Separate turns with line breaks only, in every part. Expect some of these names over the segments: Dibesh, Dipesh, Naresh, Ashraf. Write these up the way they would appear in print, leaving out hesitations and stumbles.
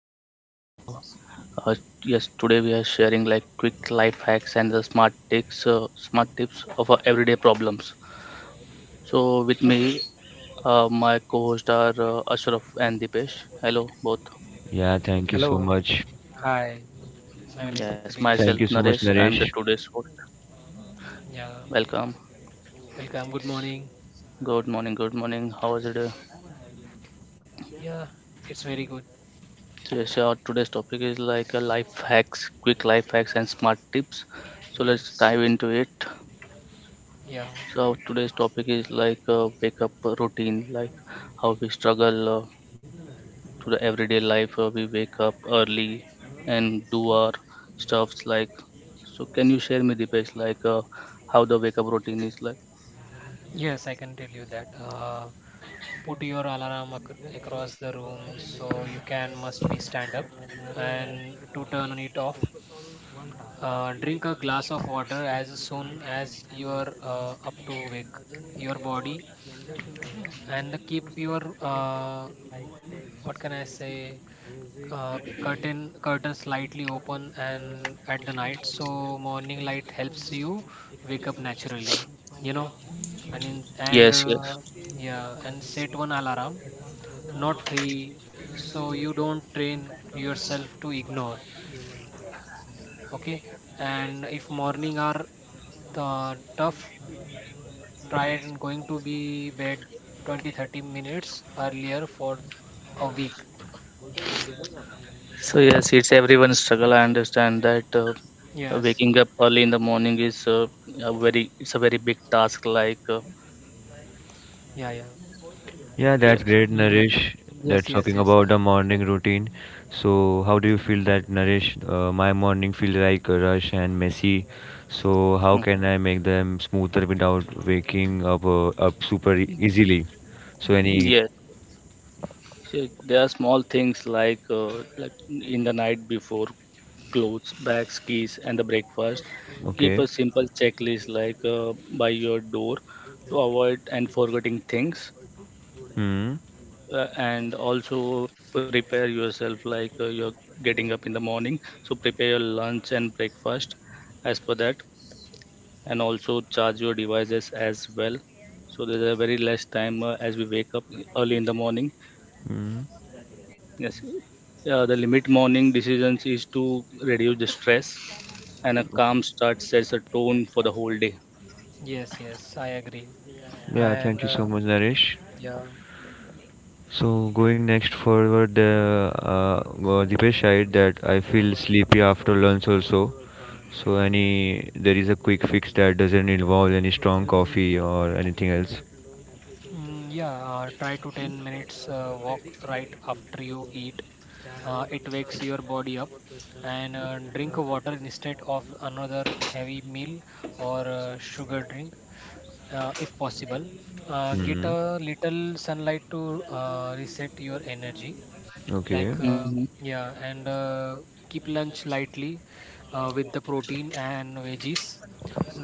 podcast. Uh, yes, today we are sharing like quick life hacks and the smart tips of our everyday problems. So with me, my co-host are Ashraf and Dipesh. Hello both.
Yeah, thank you so
Hello,
much.
hi. My name is
Yes, myself
Dibesh.
Thank you so
Naresh.
much,
I'm the
Naresh.
today's host.
Yeah,
Welcome.
welcome. Good morning.
Good morning. Good morning. How was your day?
Yeah, it's very good.
So yes, our today's topic is like a life hacks, quick life hacks and smart tips. So let's
Yes.
dive into it.
Yeah.
So today's topic is like wake up routine, like how we struggle to the everyday life. We wake up early and do our stuffs. Like, so can you share me the best, like how the wake up routine is like?
Yes, I can tell you that. Put your alarm across the room so you can must be stand up and to turn it off. Drink a glass of water as soon as you are up to wake your body, and keep your what can I say, curtain slightly open and at the night, so morning light helps you wake up naturally, you know. and in, and
Yes, yes.
uh, yeah, and set one alarm, not three, so you don't train yourself to ignore. Okay. And if morning are tough, try and going to be bed 20 30 minutes earlier for a week.
So yes, it's everyone's struggle. I understand that
Yes.
waking up early in the morning is a very it's a very big task.
Yeah, yeah.
So
Yeah,
yes,
that's great,
Like that.
Naresh.
Yes,
That's
yes,
talking
yes,
about the morning routine. So how do you feel that, Naresh? My morning feel like a rush and messy. So how
Mm.
can I make them smoother without waking up super easily? So any
Yes. So there are small things like in the night before, clothes, bags, keys, and the breakfast. Keep
okay?
a simple checklist like by your door to avoid and forgetting things.
Hmm.
And also prepare yourself like you're getting up in the morning. So prepare your lunch and breakfast as per that, and also charge your devices as well. So there's a very less time as we wake up early in the morning.
Hmm.
Yes. Yeah, the limit morning decisions is to reduce the stress, and a
Okay.
calm start sets a tone for the whole day.
yes, yes. I agree.
Yeah,
And
thank you
uh,
so much, Naresh.
yeah.
So going next forward, the Dipesh side that I feel sleepy after lunch also. So any there is a quick fix that doesn't involve any strong coffee or anything else.
Mm, yeah. Try to 10 minutes walk right after you eat. It wakes your body up. And drink water instead of another heavy meal or sugar drink, if possible. Get
Hmm.
a little sunlight to reset your energy.
Okay.
Like,
Hmm.
yeah. And keep lunch lightly with the protein and veggies,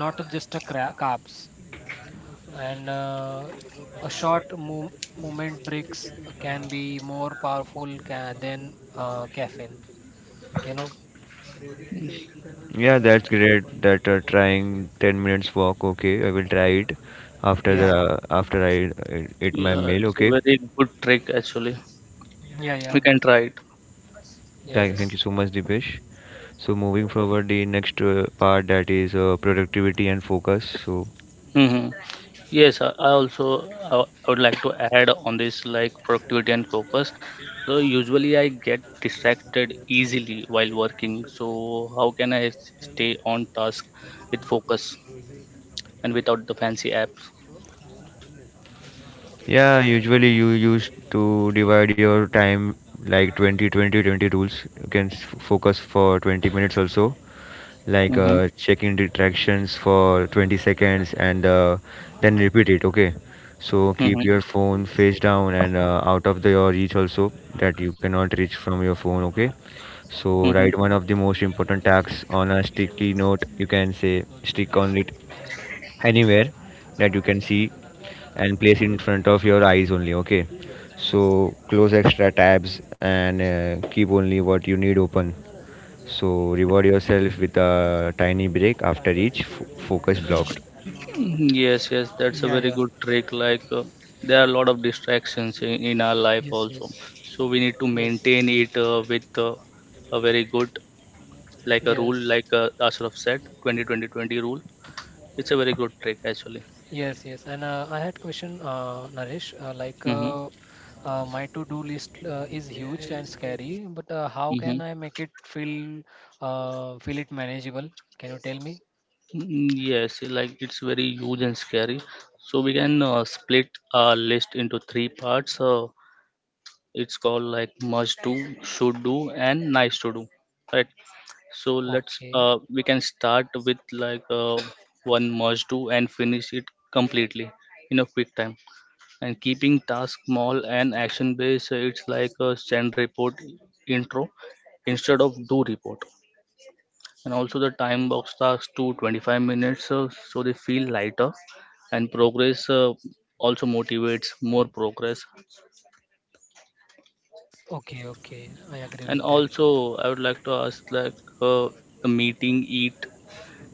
not just a carbs. And a short movement breaks can be more powerful than caffeine, you know.
Yeah, that's great. That trying 10 minutes walk. Okay, I will try it after the
Yeah,
after I eat my
Yeah,
meal.
it's a
Okay.
very good trick actually.
yeah, yeah,
We can try it.
Thank
yes,
you so much, Dipesh. So moving forward, the next part, that is productivity and focus. So
Hmm. Yes, I also I would like to add on this like productivity and focus. So usually I get distracted easily while working. So how can I stay on task with focus and without the fancy apps?
yeah, usually you used to divide your time like 20, 20, 20 rules. You can focus for 20 minutes also, like
Mm-hmm.
checking distractions for 20 seconds, and then repeat it. Okay, so
Mm-hmm.
keep your phone face down and out of your reach also, that you cannot reach from your phone. Okay, so
Mm-hmm.
write one of the most important tasks on a sticky note. You can say stick on it anywhere that you can see, and place it in front of your eyes only. Okay, so close extra tabs and keep only what you need open. So reward yourself with a tiny break after each focus blocked.
Yes, yes, that's a
yeah,
very
yeah,
good trick. There are a lot of distractions in our life
yes,
also.
yes,
So we need to
yes,
maintain it with a very good, like a rule,
yes.
like Ashraf said, 20-20-20 rule. It's a very good trick actually.
Yes, yes. And I had question, Naresh,
Mm-hmm.
my to-do list is huge and scary, but how can
Mm-hmm.
I make it feel it manageable? Can you tell me?
Mm-hmm. Yes, like it's very huge and scary. So we can split our list into three parts. It's called like must do, should do, and nice to do, right? So let's
Okay,
we can start with like one must do and finish it completely in a quick time. And keeping task small and action based, so it's like a send report intro instead of do report. And also the time box tasks to 25 minutes so they feel lighter, and progress also motivates more progress.
okay, okay. I agree with
And
that.
also, I would like to ask like uh, the meeting eat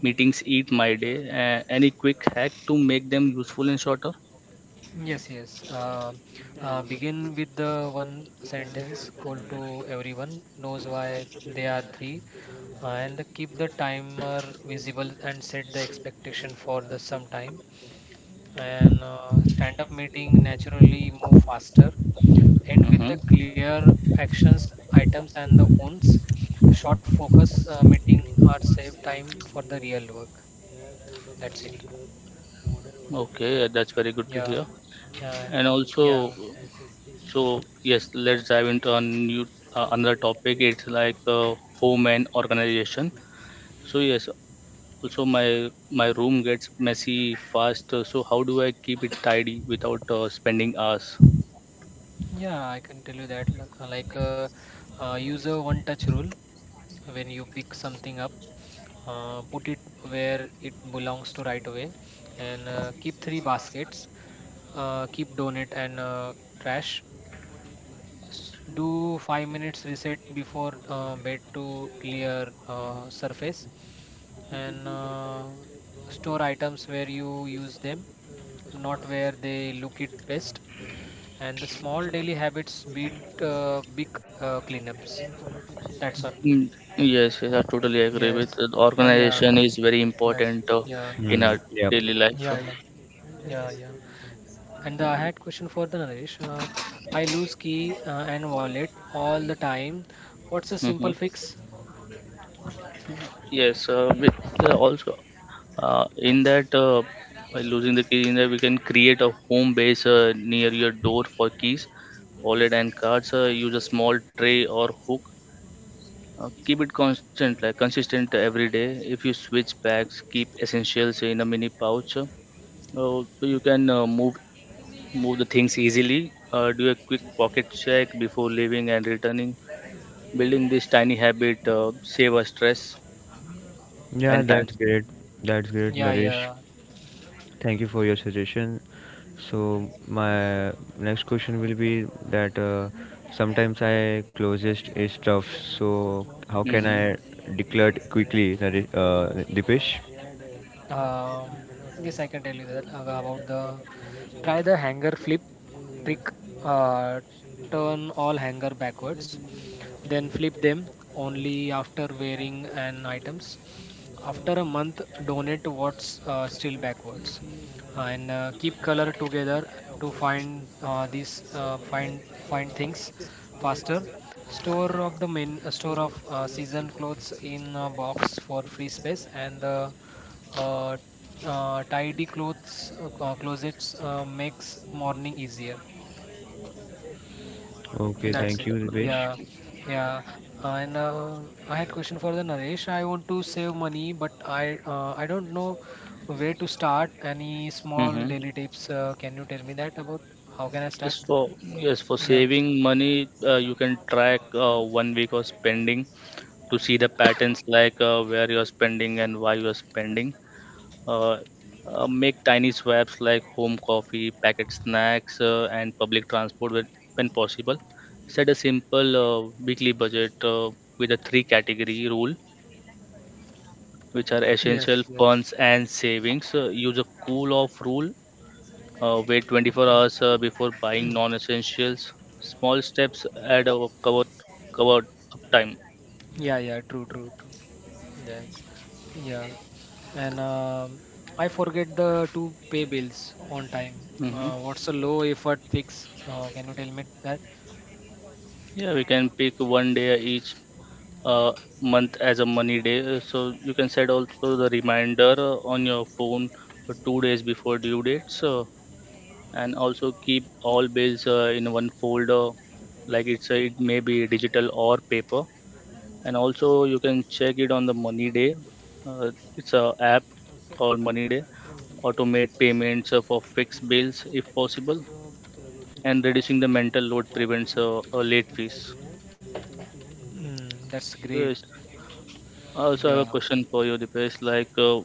meetings eat my day. Any quick hack to make them useful and shorter?
Yes, yes. Begin with the one sentence goal to everyone knows why they are three, and keep the timer visible and set the expectation for the some time. And stand-up meeting naturally move faster, end with the
Mm-hmm.
clear actions items and the owns. Short focus meeting are save time for the real work. That's it.
Okay, that's very good to
Yeah.
hear.
and
And
uh,
also,
yeah,
so yes, let's dive into a new, another topic. It's like home and organization. So yes, also my room gets messy fast. So how do I keep it tidy without spending hours?
yeah. I can tell you that. Use a one touch rule. When you pick something up, put it where it belongs to right away. And keep three baskets, keep donut and trash. Do 5 minutes reset before bed to clear surface. And store items where you use them, not where they look it best. And the small daily habits beat big cleanups. That's all.
Mm. Yes, yes, I totally agree
Yes.
with the
Yeah,
organization is very
yes,
important
yeah,
in
Hmm.
our
Yep.
daily life.
yeah, yeah, yeah, yeah. And I
Uh,
had question for the Naresh. I lose key and wallet all the time. What's a
Mm-hmm.
simple fix?
Yes, with, also in that by losing the key in there, we can create a home base near your door for keys, wallet, and cards. Use a small tray or hook. Keep it constant, like consistent every day. If you switch bags, keep essentials in a mini pouch. So you can move the things easily, do a quick pocket check before leaving and returning. Building this tiny habit save us stress
Yeah,
and time.
that's great. That's great,
Yeah,
Naresh.
yeah.
Thank you for your suggestion. So my next question will be that sometimes I closest is tough. So how can
Hmm.
I declare it quickly, Dipesh?
Um, yes, I can tell you that about the, try the hanger flip trick. Uh, Turn all hanger backwards, then flip them only after wearing an items. After a month, donate what's still backwards. And keep color together to find these, find things faster. Store of season clothes in a box for free space. And the uh, Tidy clothes closets makes morning easier.
Okay,
That's
thank
it.
you, Dipesh.
Yeah, yeah. And I had question for the Naresh. I want to save money, but I don't know where to start. Any small
Hmm.
daily tips? Can you tell me that about how can I start?
Yes, for
Yeah.
saving money, you can track one week of spending to see the patterns like where you are spending and why you are spending. uh, Make tiny swaps like home coffee, packet snacks, and public transport when possible. Set a simple weekly budget with a three category rule, which are
Yes.
essential,
Yes.
funds, and savings. Use a cool off rule. Wait 24
Okay.
hours before buying non essentials. Small steps add up, cover up time.
Yeah. Yeah. True, true, true. That's, yeah. And I forget the to pay bills on time.
Hmm.
What's a low effort fix? Can you tell me that?
Yeah, we can pick one day each uh, month as a money day. So you can set also the reminder on your phone for 2 days before due dates. So and also keep all bills in one folder, like it may be digital or paper. And also you can check it on the money day. It's a app called Money Day. Automate payments for fixed bills if possible, and reducing the mental load prevents late fees.
Mm, that's great.
Yes. I also have a
Yeah.
question for you, Dipesh.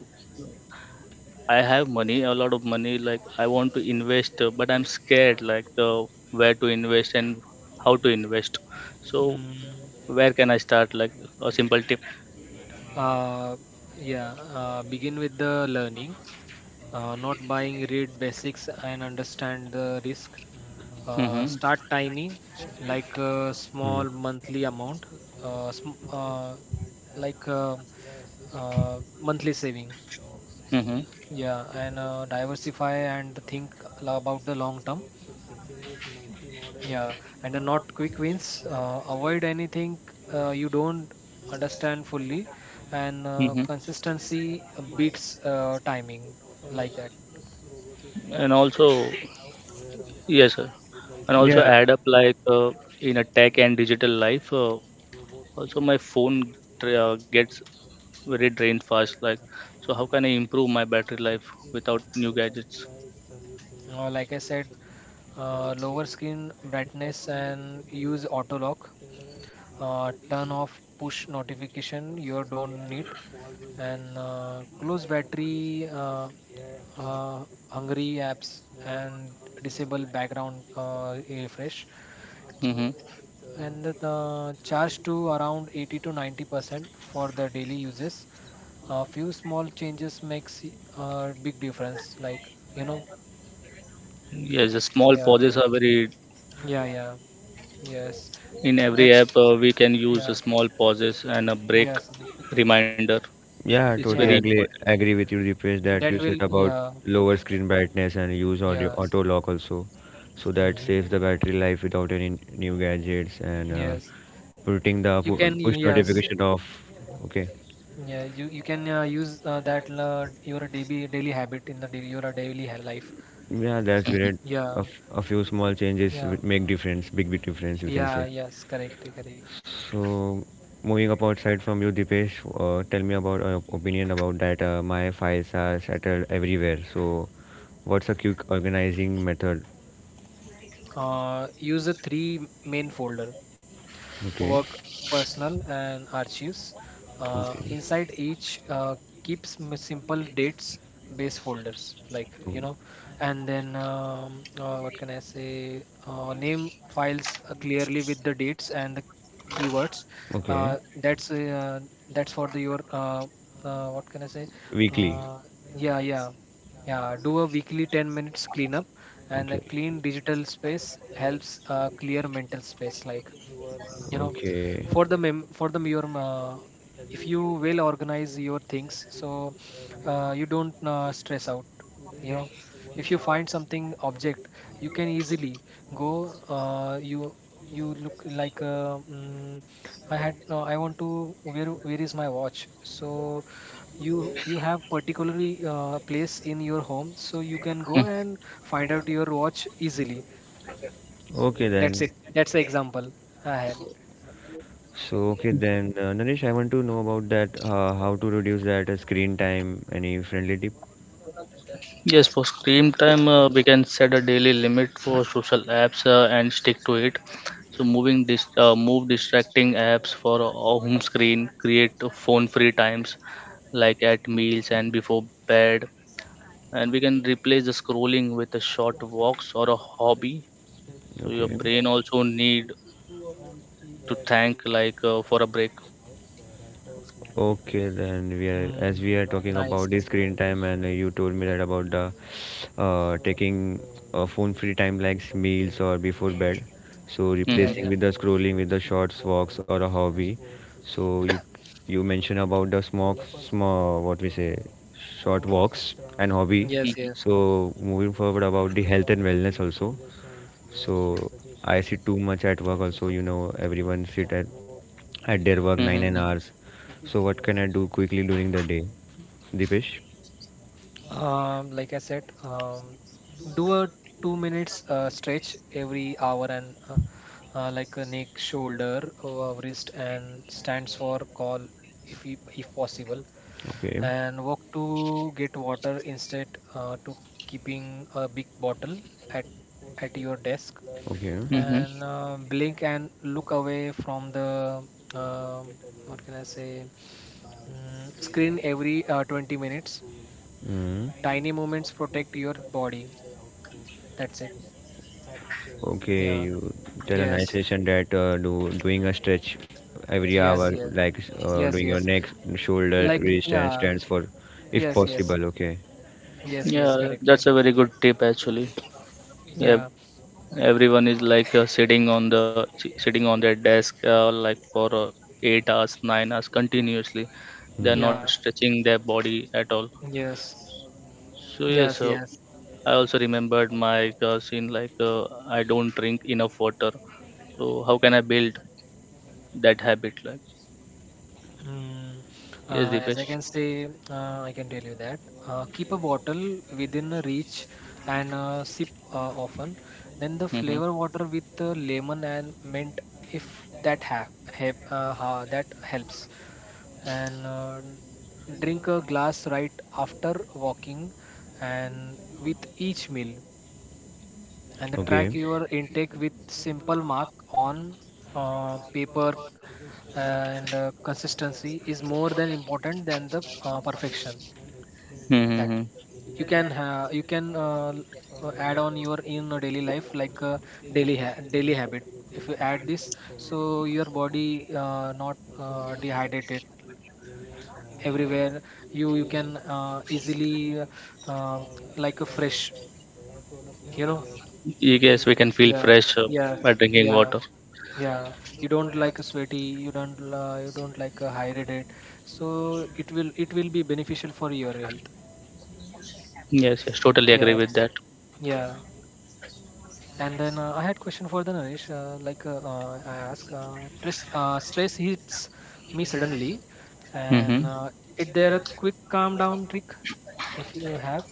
I have money, a lot of money. Like I want to invest, but I'm scared. Where to invest and how to invest. So
Mm,
where can I start? Like a simple tip.
uh, yeah. Begin with the learning, not buying, read basics and understand the risk.
Hmm.
Start tiny, like a
Hmm.
small monthly amount, uh, sm- uh, like, monthly saving.
Hmm.
Yeah. And diversify and think about the long term. Yeah. And the not quick wins. Avoid anything you don't understand fully. And
Hmm.
consistency beats timing, like that.
And also, yes, sir. And also
Yeah,
Yeah.
add up like in a tech and digital life. Also, my phone gets very drained fast. Like, so how can I improve my battery life without new gadgets?
Like I said, lower screen brightness and use auto lock. Turn off push notification you don't need. And close battery hungry apps and disable background refresh.
Mm-hmm.
And the charge to around 80 to 90% for the daily uses. A few small changes makes a big difference. Like, you know.
Yes, the small
Yeah,
pauses are very.
yeah, yeah, yes.
In every
That's,
app, we can use
yeah,
a small pauses and a break
yes,
reminder.
yeah,
It's very
totally
yeah.
agree
important.
agree with you, Deepesh, that
That
you
will
said about
Yeah,
lower screen brightness and use audio
yes.
auto lock also, so that
Hmm,
saves the battery life without any new gadgets, and
yes.
putting the
You can
push
Yes,
notification off. Okay.
yeah. You can use, that your daily habit in your daily life.
Yeah, that's great. A,
Yeah,
a few small changes
yeah,
make difference, big difference we can
yeah.
say.
Yes, correct, correct.
So moving up outside from you, Dipesh, tell me about opinion about that. My files are scattered everywhere. So what's a quick organizing method?
Use the three main folder:
Okay.
work, personal, and archives.
Okay.
Inside each, keeps simple dates base folders, like,
Oh,
you know. And then what can I say, name files clearly with the dates and the keywords.
okay.
uh, that's uh, that's for the your what can I say,
Weekly.
uh, yeah, yeah, yeah. Do a weekly 10 minutes cleanup. And a clean digital space helps clear mental space, like, you know. For the for the, your if you will organize your things, so you don't stress out, you know. If you find something object, you can easily go. uh, you you look like, mm, I had, I want to, where, is my watch. So you have particularly place in your home, so you can go and find out your watch easily.
Okay
That's
then.
it. That's the
Mm.
example I had.
So okay then, Naresh, I want to know about that. How to reduce that screen time? Any friendly tip?
Yes, for screen time, we can set a daily limit for social apps and stick to it. So, moving this, move distracting apps for a home screen, create phone-free times like at meals and before bed, and we can replace the scrolling with a short walks or a hobby. So, your
Okay.
brain also need to thank like for a break.
Okay, then we are,
Mm,
as we are talking
nice.
about the screen time, and you told me that about the taking phone free time like meals or before bed, so
Yeah,
Hmm.
replacing
yeah.
with the scrolling with the shorts walks or a hobby. So you mentioned about the smoke small, what we say, short walks and hobby.
Yes, yes.
So moving forward about the health and wellness also. So I sit too much at work also, you know, everyone sit at their work
Hmm.
9
Hmm.
and hours. So what can I do quickly during the day, Dipesh?
Like I said, do a 2 minutes stretch every hour. And like a neck, shoulder, wrist, and stands for call, if possible.
Okay.
And walk to get water instead to keeping a big bottle at at your desk.
Okay.
Hmm.
And blink and look away from the um, what can I say, mm, screen every 20 minutes.
Mm.
Tiny moments protect your body. That's it.
Okay,
Yeah.
you tell a nice
Yes,
session that do doing a stretch every hour,
yes, yes,
like
yes,
doing your
yes.
neck, shoulder,
Like,
wrist, and
yeah.
stands for, if
Yes, yes,
possible. Okay.
yes, yes.
Yeah, that's
Correctly.
a very good tip actually. Yeah,
Yeah,
everyone is like sitting on their desk like for 8 hours, 9 hours continuously. They are
Hmm.
not
yeah.
stretching their body at all.
Yes,
So yes,
yes, yes.
I also remembered my scene like I don't drink enough water. So how can I build that habit like?
Mm,
Yes, the
as I
best.
can say, I can tell you that, keep a bottle within a reach. And sip often. Then the
Mm-hmm.
flavor water with lemon and mint, if that helps. And drink a glass right after walking and with each meal. And the
Okay.
track your intake with simple mark on paper. And consistency is more than important than the perfection. That
Mm-hmm.
you can add on your in a daily life, like a daily daily habit. If you add this, so your body not dehydrated everywhere, you can easily, um, like a fresh, you know.
Yes, we can feel
Yes,
fresh
yes,
by drinking
yeah.
water.
Yeah, you don't like a sweaty, you don't like a hydrated, so it will be beneficial for your health.
Yes, yes, totally agree
Yes,
with that.
yeah. And then I had question for the Naresh. I ask, stress hits me suddenly. and
Mm-hmm.
uh, is there a quick calm down trick, if you have?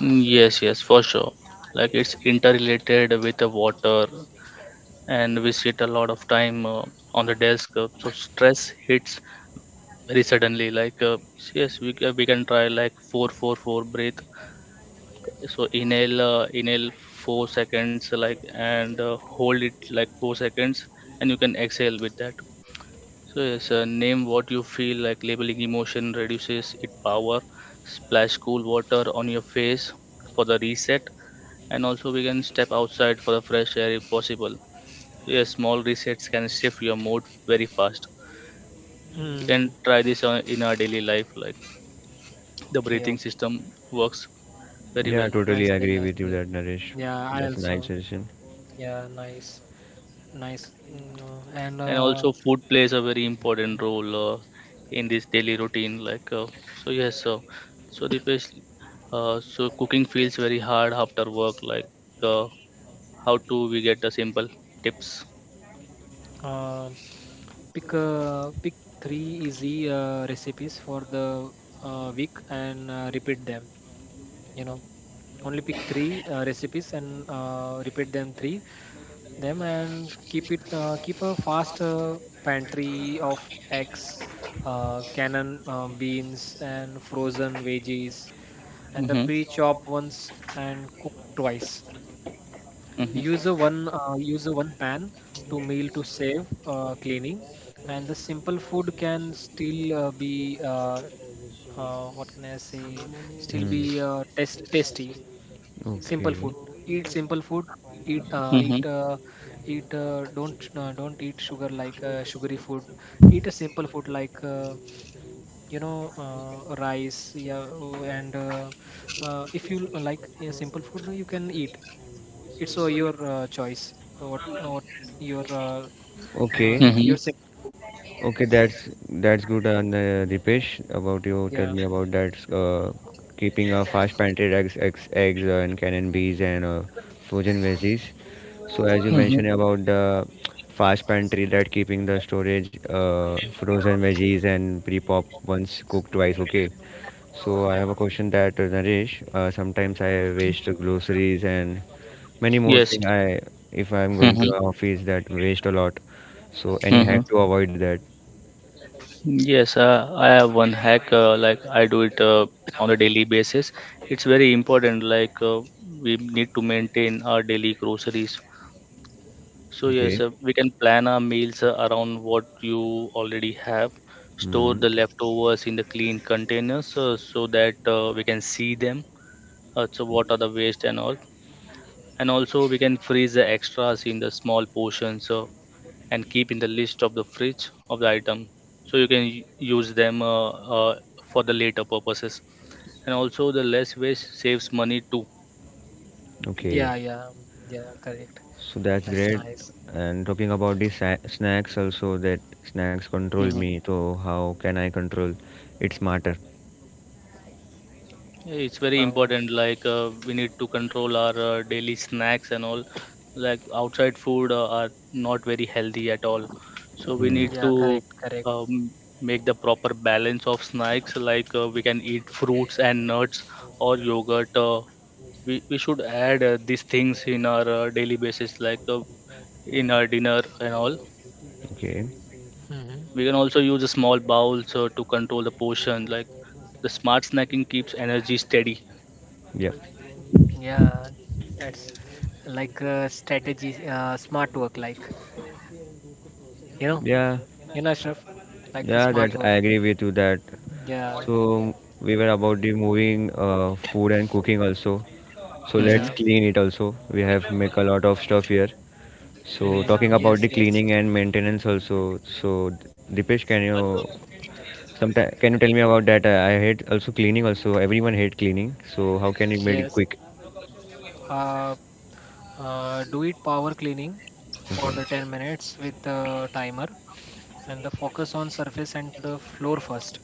Yes, yes, for sure. Like it's interrelated with the water, and we sit a lot of time on the desk, so stress hits very suddenly. Yes, we can try like four four four breathe. So inhale 4 seconds like, and hold it like 4 seconds and you can exhale with that. So yes, name what you feel. Like labeling emotion reduces its power. Splash cool water on your face for the reset. And also we can step outside for the fresh air if possible. So, yes, small resets can shift your mood very fast. You can
Hmm.
try this on, in our daily life. Like the
Okay,
breathing
okay.
system works very
Yeah,
well.
totally
Nicely,
agree with you
nicely.
that, Naresh.
Yeah, I
That's a nice
also.
suggestion.
Yeah, nice, nice. Mm, and
And also food plays a very important role in this daily routine like so yes, so Dipesh, so cooking feels very hard after work. How to we get the simple tips?
um pick three easy recipes for the week and repeat them. You know, only pick three recipes and repeat them three them. And keep a fast pantry of eggs, cannon beans and frozen veggies, and the
Mm-hmm.
pre-chop ones and cook twice.
Mm-hmm.
Use a one pan to meal to save cleaning. And the simple food can still be, what can I say, still
Hmm.
be test tasty. Simple
Okay.
food. Eat simple food. Eat uh,
Mm-hmm.
eat uh, eat. Don't eat sugar, like sugary food. Eat a simple food, like, rice. Yeah, oh. And if you like simple food, you can eat. It's your choice, what your
Okay.
uh,
Mm-hmm.
your sec-
Okay, that's good, and, Dipesh. About you, tell
yeah,
me about that. Keeping a fast painted eggs, and cannon bees and frozen veggies. So as you
Mm-hmm.
mentioned about the fast pantry that keeping the storage frozen veggies and pre-pop once cooked twice. Okay, so I have a question that Naresh. Sometimes I waste groceries and many more
Yes.
thing. I, if I'm going to
Mm-hmm.
office that waste a lot. So any
Mm-hmm.
hack to avoid that?
Yes, I have one hack. Like I do it on a daily basis. It's very important. We need to maintain our daily groceries. So yes,
Okay.
we can plan our meals around what you already have. Store
Mm.
the leftovers in the clean containers so that we can see them. So what are the waste and all. And also we can freeze the extras in the small portions, so and keep in the list of the fridge of the item so you can use them uh, for the later purposes. And also the less waste saves money too.
Okay.
yeah, yeah, yeah, correct.
So that's
That's
great.
nice.
And talking about these snacks also, that snacks control me. So how can I control it smarter?
Yeah, it's very
Um,
important. We need to control our daily snacks and all. Like outside food are not very healthy at all. So we
Mhm.
need
yeah,
to
correct, correct.
um, make the proper balance of snacks. We can eat fruits and nuts or yogurt. We should add these things in our daily basis, like in our dinner and all.
Okay.
We can
Mm-hmm.
also use a small bowl so to control the portion. Like the smart snacking keeps energy steady.
Yep.
Yeah, that's like a strategy. Smart work, like, you know
Yeah.
you know Ashraf, like a
Yeah, that's
smart
I
work.
agree with you that.
Yeah,
So we were about the moving food and cooking also. So let's
Hmm.
yeah.
clean it also. We have make a lot of stuff here. So
Hmm.
talking about
Yes,
the
yes,
cleaning and maintenance also. So Dipesh, can you sometime can you tell me about that? I hate also cleaning also. Everyone hate cleaning. So how can you make it
yes.
quick?
uh, do it power cleaning for
Okay.
the 10 minutes with the timer, and the focus on surface and the floor first.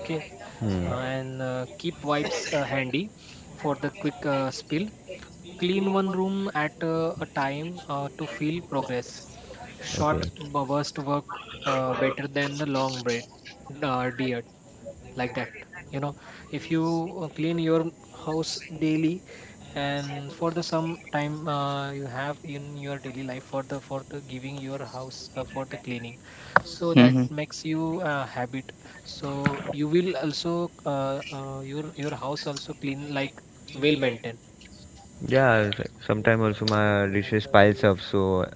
Okay.
Hmm.
And keep wipes handy for the quick spill. Clean one room at a time to feel progress. Short
Okay.
burst work better than the long break. Dear like that, you know if you clean your house daily, and for the some time you have in your daily life for the giving your house for the cleaning, so that
Hmm.
makes you a habit. So you will also your house also clean, like well maintained.
Yeah, sometimes also my dishes piles up. So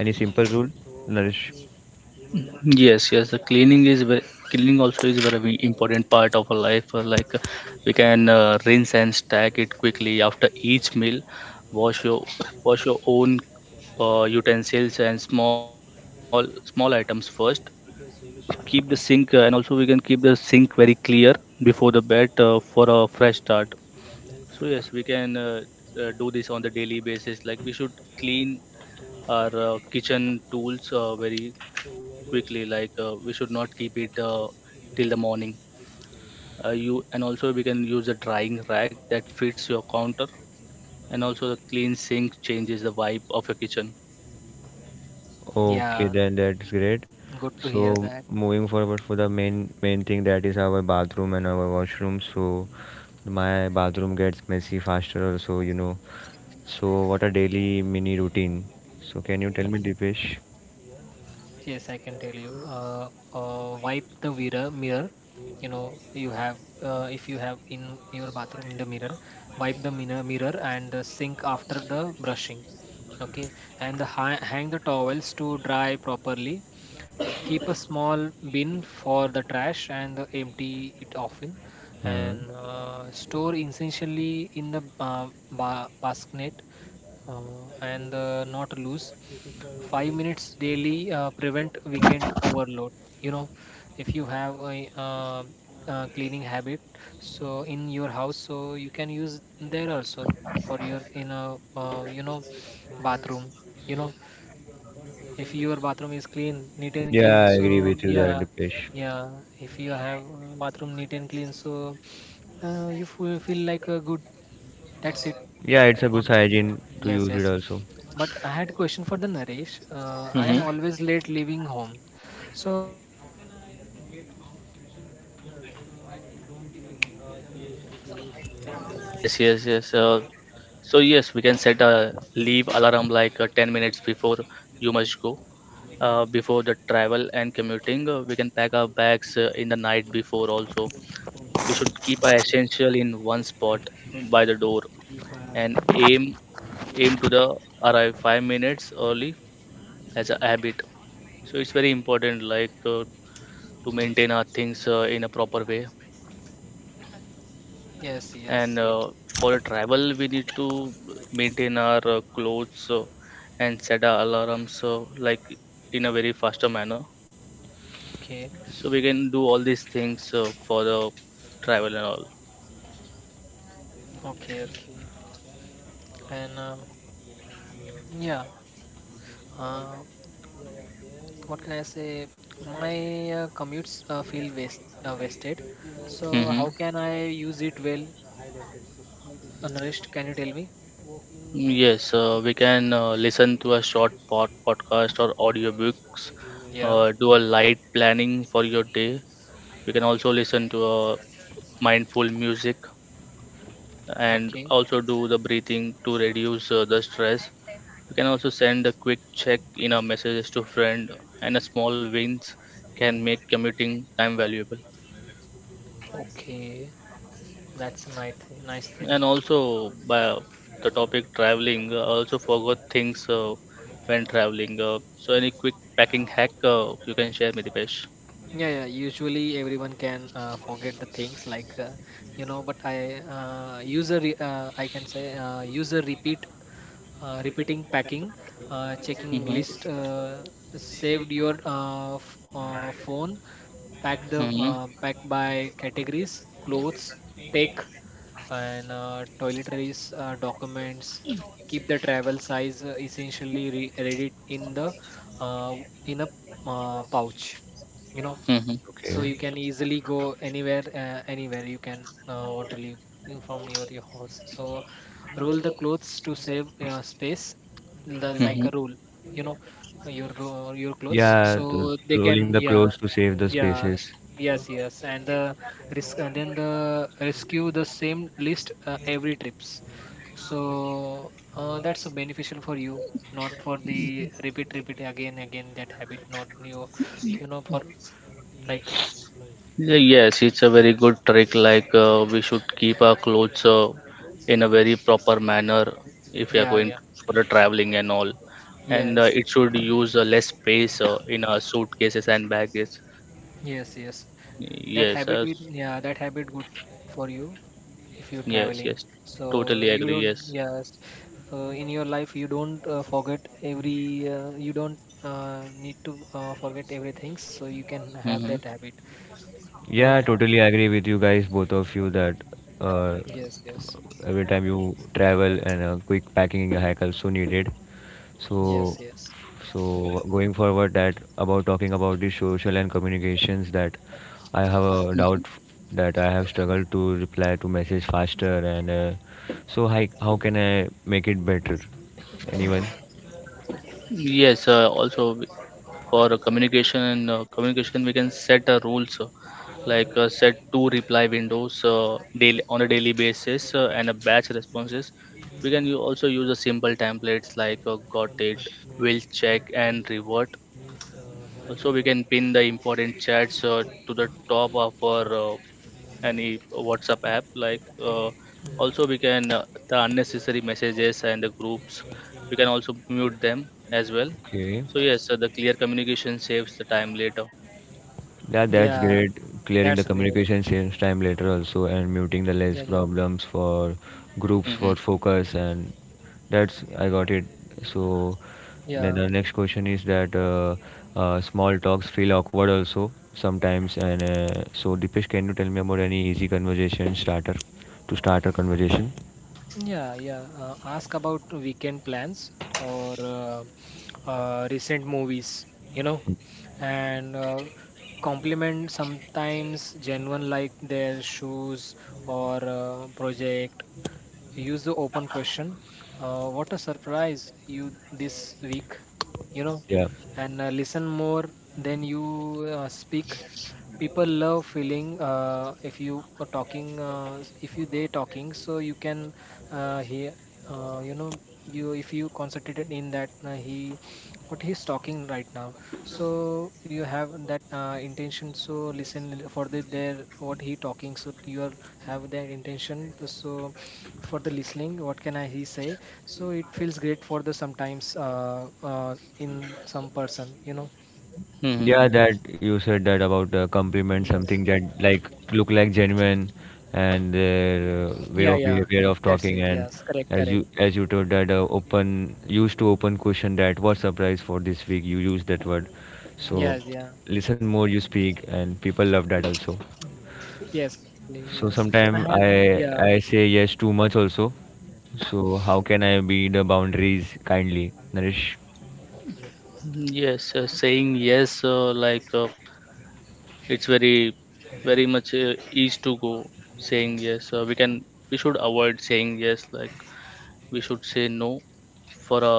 any simple rule? Nourish.
Yes, yes. The cleaning is very, cleaning also is very important part of our life. We can rinse and stack it quickly after each meal. Wash your wash your own utensils and small items first. Keep the sink and also we can keep the sink very clear before the bed for a fresh start. So yes, we can do this on the daily basis. Like we should clean our kitchen tools very quickly, like we should not keep it till the morning. You And also, we can use a drying rack that fits your counter, and also the clean sink changes the vibe of your kitchen.
Okay,
Yeah,
then that's great.
good to hear
So
that.
moving forward for the main thing, that is our bathroom and our washroom. So my bathroom gets messy faster also, you know. So what a daily mini routine. So can you tell me, Dipesh?
Yes, I can tell you. Wipe the mirror. Mirror, you know, you have, if you have in your bathroom the mirror, wipe the mirror, mirror and the sink after the brushing. Okay, and the hang the towels to dry properly. Keep a small bin for the trash and empty it often,
Hmm.
and store essentially in the basket, and not loose. 5 minutes daily prevent weekend overload. You know, if you have a cleaning habit, so in your house, so you can use there also for your, in a, you know, bathroom. You know, if your bathroom is clean, neat and clean,
Yeah, I
so
agree with you there,
yeah.
Dipesh.
Yeah, if you have bathroom neat and clean, so you feel like a good, that's it.
Yeah, it's a good
On,
hygiene to
yes,
use it
yes.
also.
But I had question for the Naresh. I am
Hmm.
always late leaving home. So hi, how can I get out on time from home?
Yes, yes, yes. So yes, we can set a leave alarm, like 10 minutes before you must go. Before the travel and commuting, we can pack our bags in the night before also. We should keep our essential in one spot by the door, and aim to the arrive 5 minutes early as a habit. So it's very important, like to maintain our things in a proper way.
Yes, yes,
And
yes.
for a travel, we need to maintain our clothes and set our alarms like in a very faster manner.
Okay,
So we can do all these things for the travel and all.
okay, okay. And yeah, uh, what can I say? My commutes feel wasted. So
Mm-hmm.
how can I use it well? Naresh, can you tell me?
Yes, we can listen to a short podcast or audiobooks,
Yeah.
do a light planning for your day. We can also listen to a mindful music and
Okay.
also do the breathing to reduce the stress. You can also send a quick check in a messages to friend, and a small wins can make commuting time valuable.
Okay. That's a nice, nice
And
thing.
also, by the topic traveling, I also forgot things when traveling, so any quick packing hack you can share me, Dipesh.
Yeah, yeah. Usually, everyone can forget the things, like, you know, but I can say, user repeat repeating packing checking list,
Mm-hmm.
saved your phone. Pack the,
Mm-hmm.
pack by categories: clothes, take, and toiletries, documents. Keep the travel size essentially ready in the, uh, in a, pouch, you know, so
Okay.
you can easily go anywhere, anywhere you can want to leave, you, from your house, so roll the clothes to save space, like
Mm-hmm.
a roll. You know, your clothes,
Yeah,
so they
rolling the
can, yeah.
clothes to save the
Yeah,
spaces.
yes, yes, and the risk and then the rescue the same list every trips, so that's so beneficial for you, not for the repeat again that habit, not you, you know, for, like.
Yeah. Yes, it's a very good trick. Like we should keep our clothes in a very proper manner if we are
Yeah,
going
yeah.
for a traveling and all. And
Yes.
it should use less space in our suitcases and baggage.
Yes, yes. That
Yes,
habit is, yeah, that habit good for you if you're traveling.
yes.
So
Totally
you
agree.
don't,
Yes.
yes. So in your life you don't forget every, you don't need to forget everything, so you can have
Mm-hmm.
that habit, you
Yeah,
know?
I totally agree with you guys, both of you, that uh,
Yes, yes.
every time you travel and a quick packing in your hack also needed.
Yes,
So,
yes.
so going forward, that about talking about the social and communications, that I have a
Mm-hmm.
doubt that I have struggled to reply to message faster, and so how can I make it better? Anyone?
Yes, also for communication and communication, we can set rules, like set two reply windows daily on a daily basis, and a batch responses. We can also use a simple templates, like got it, will check, and revert. Also, we can pin the important chats to the top of our uh, any WhatsApp app. Like also, we can the unnecessary messages and the groups. We can also mute them as well.
Okay.
So yes, the clear communication saves the time later.
Yeah, that's
Yeah,
great. Clearing the
that's great.
communication saves time later also, and muting the less
Yeah, yeah.
problems for groups
Hmm.
for focus, and that's I got it. So then
Yeah.
the next question is that small talks feel awkward also sometimes, and so Dipesh, can you tell me about any easy conversation starter to start a conversation?
Yeah, yeah. Ask about weekend plans or recent movies, you know, and compliment sometimes genuine, like their shoes or project. Use the open question. What a surprise you this week, you know,
Yeah.
and listen more than you speak. People love feeling, if you are talking, if you they talking, so you can hear, you know, you, if you concentrated in that, he, what he's talking right now. So you have that intention. So listen for the there what he talking. So you are have that intention. So for the listening what can I he say, so it feels great for the sometimes, in some person, you know.
Yeah,
Hmm.
that you said that
Yes,
about compliment something that like look like genuine and their
yeah. Yeah,
way of behavior
that's
of
it,
talking.
yes,
And
correct, correct.
as you, as you told that open, used to open question that what surprise for this week, you use that word. So
Yes, yeah.
listen more you speak, and people love that also.
Yes, correctly,
So
yes. I
sometimes
had,
I
yeah,
I say yes too much also. So how can I be the boundaries kindly, Nourish?
Yes, saying yes, like it's very, very much easy to go saying yes. We can, we should avoid saying yes, like we should say no, for a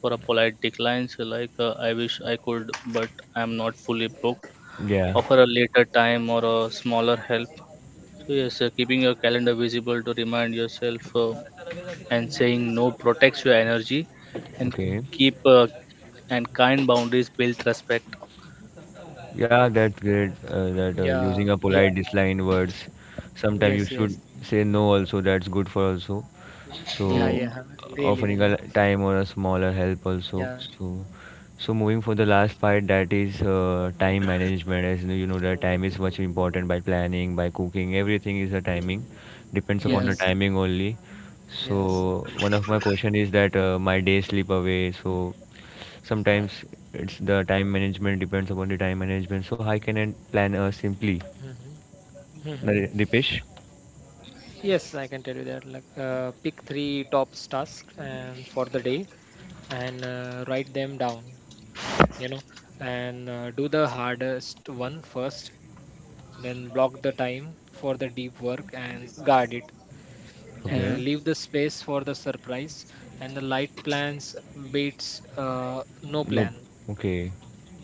for a polite decline. So like I wish I could, but I'm not fully booked.
Yeah,
Offer a later time or a smaller help. So yes, keeping your calendar visible to remind yourself, and saying no protects your energy, and
okay.
keep and kind boundaries build respect.
Yeah, that's great. That
yeah,
using a
yeah,
polite disline words. Sometimes you
yes,
should
yes,
say no. Also, that's good for also.
yeah,
So
Hmm.
yeah, really,
offering a
really,
time or a smaller help also.
yeah,
So, so moving for the last part, that is time management. As you know, that time is much important by planning, by cooking. Everything is a timing. Depends
Hmm,
upon
hmm.
the
yes,
timing only.
yes,
So one of my question is that my day slip away. So sometimes it's the time management, depends upon the time management. So how can I plan simply?
hmm, hmm.
Dipesh?
Yes, I can tell you that like,
Mhm.
pick three top tasks and for the day, and write them down, you know, and do the hardest one first, then block the time for the deep work and guard it, and
Okay.
leave the space for the surprise and the light plans beats no
Nope.
plan.
Okay.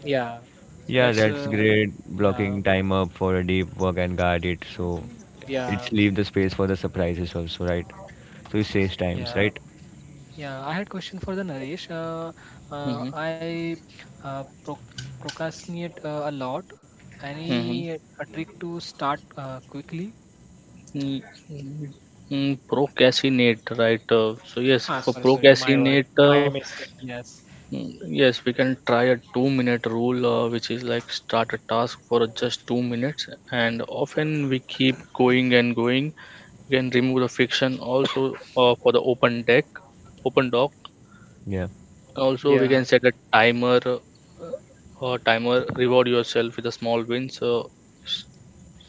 Yeah,
Yeah,
that's
that's great. Blocking
yeah.
time up for a deep work and guard it. So
Yeah.
it's leave the space for the surprises also, right? So it saves times,
Yeah.
right?
Yeah, I had question for the Naresh.
Mhm.
I, uh, pro procrastinate a lot.
Mhm.
Any a trick to start quickly?
Mm, mm, Procrastinate, right? So yes,
Ah,
for
sorry, sorry. My word.
procrastinate,
My mistake. Yes.
Mm, yes, we can try a 2 minute rule, which is like start a task for just 2 minutes, and often we keep going and going. We can remove the friction also for the open deck, open dock.
Yeah.
Also, we can
Yeah.
set a timer or timer, reward yourself with a small win. So,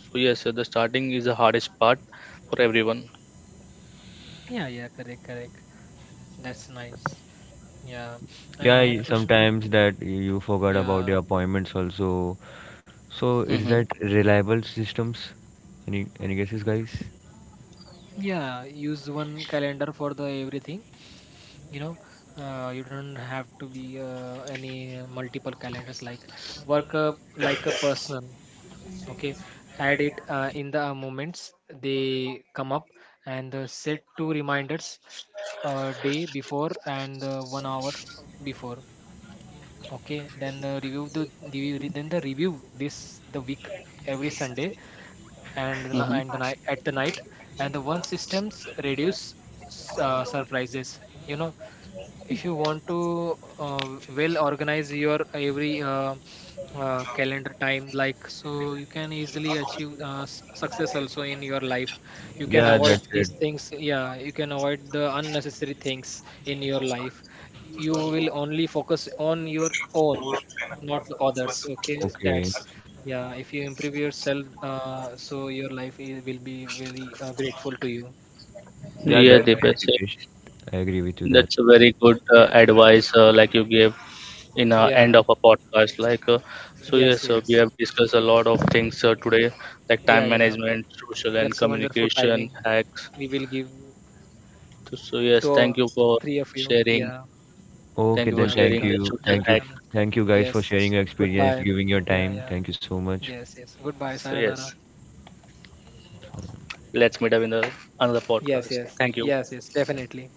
so yes, the starting is the hardest part for everyone.
Yeah, yeah, correct, correct. That's nice. Yeah. And
Yeah,
I had question for,
sometimes that you forgot about
yeah.
your appointments also. So is
Mm-hmm.
that reliable systems? Any guesses, guys?
Yeah, use one calendar for the everything, you know. You don't have to be any multiple calendars, like work up like a person. Okay. Add it in the moments they come up, and set two reminders, day before, and 1 hour before. Okay, then review the re- then the review this the week every Sunday, and
Mm-hmm.
and the night, at the night, and the one systems reduce surprises. You know, if you want to well organize your every calendar time, like, so you can easily achieve success also in your life, you can
Yeah,
avoid
that's it.
these things, yeah, you can avoid the unnecessary things in your life, you will only focus on your own, not the others, okay,
Okay.
that's, yeah, if you improve yourself so your life will be very grateful to you.
Yeah,
Yeah,
that's great,
Dipesh.
Dipesh. I agree with you that.
That's a very good
Yeah,
advice, like you gave in
yeah,
end of a podcast. Like, so
yes,
yes, we
yes,
have discussed a lot of things today, like
yeah,
time
yeah.
management, social and
That's a wonderful
communication
timing.
hacks.
We will give
So
two,
yes, thank
all
you for
three of you.
sharing.
Yeah.
Okay,
Thank you for
then
Yeah.
thank
sharing
Welcome.
the
you.
Yeah.
social
Thank you.
hack.
Welcome.
Thank you guys for
Yes.
sharing your experience,
Goodbye.
giving your
Yeah.
time.
Yeah.
Thank you so much.
Yes. Yes. Goodbye.
So yes,
Sayonara.
let's meet up in the another
Yes.
podcast.
Yes.
Thank you.
Yes. Yes. Definitely.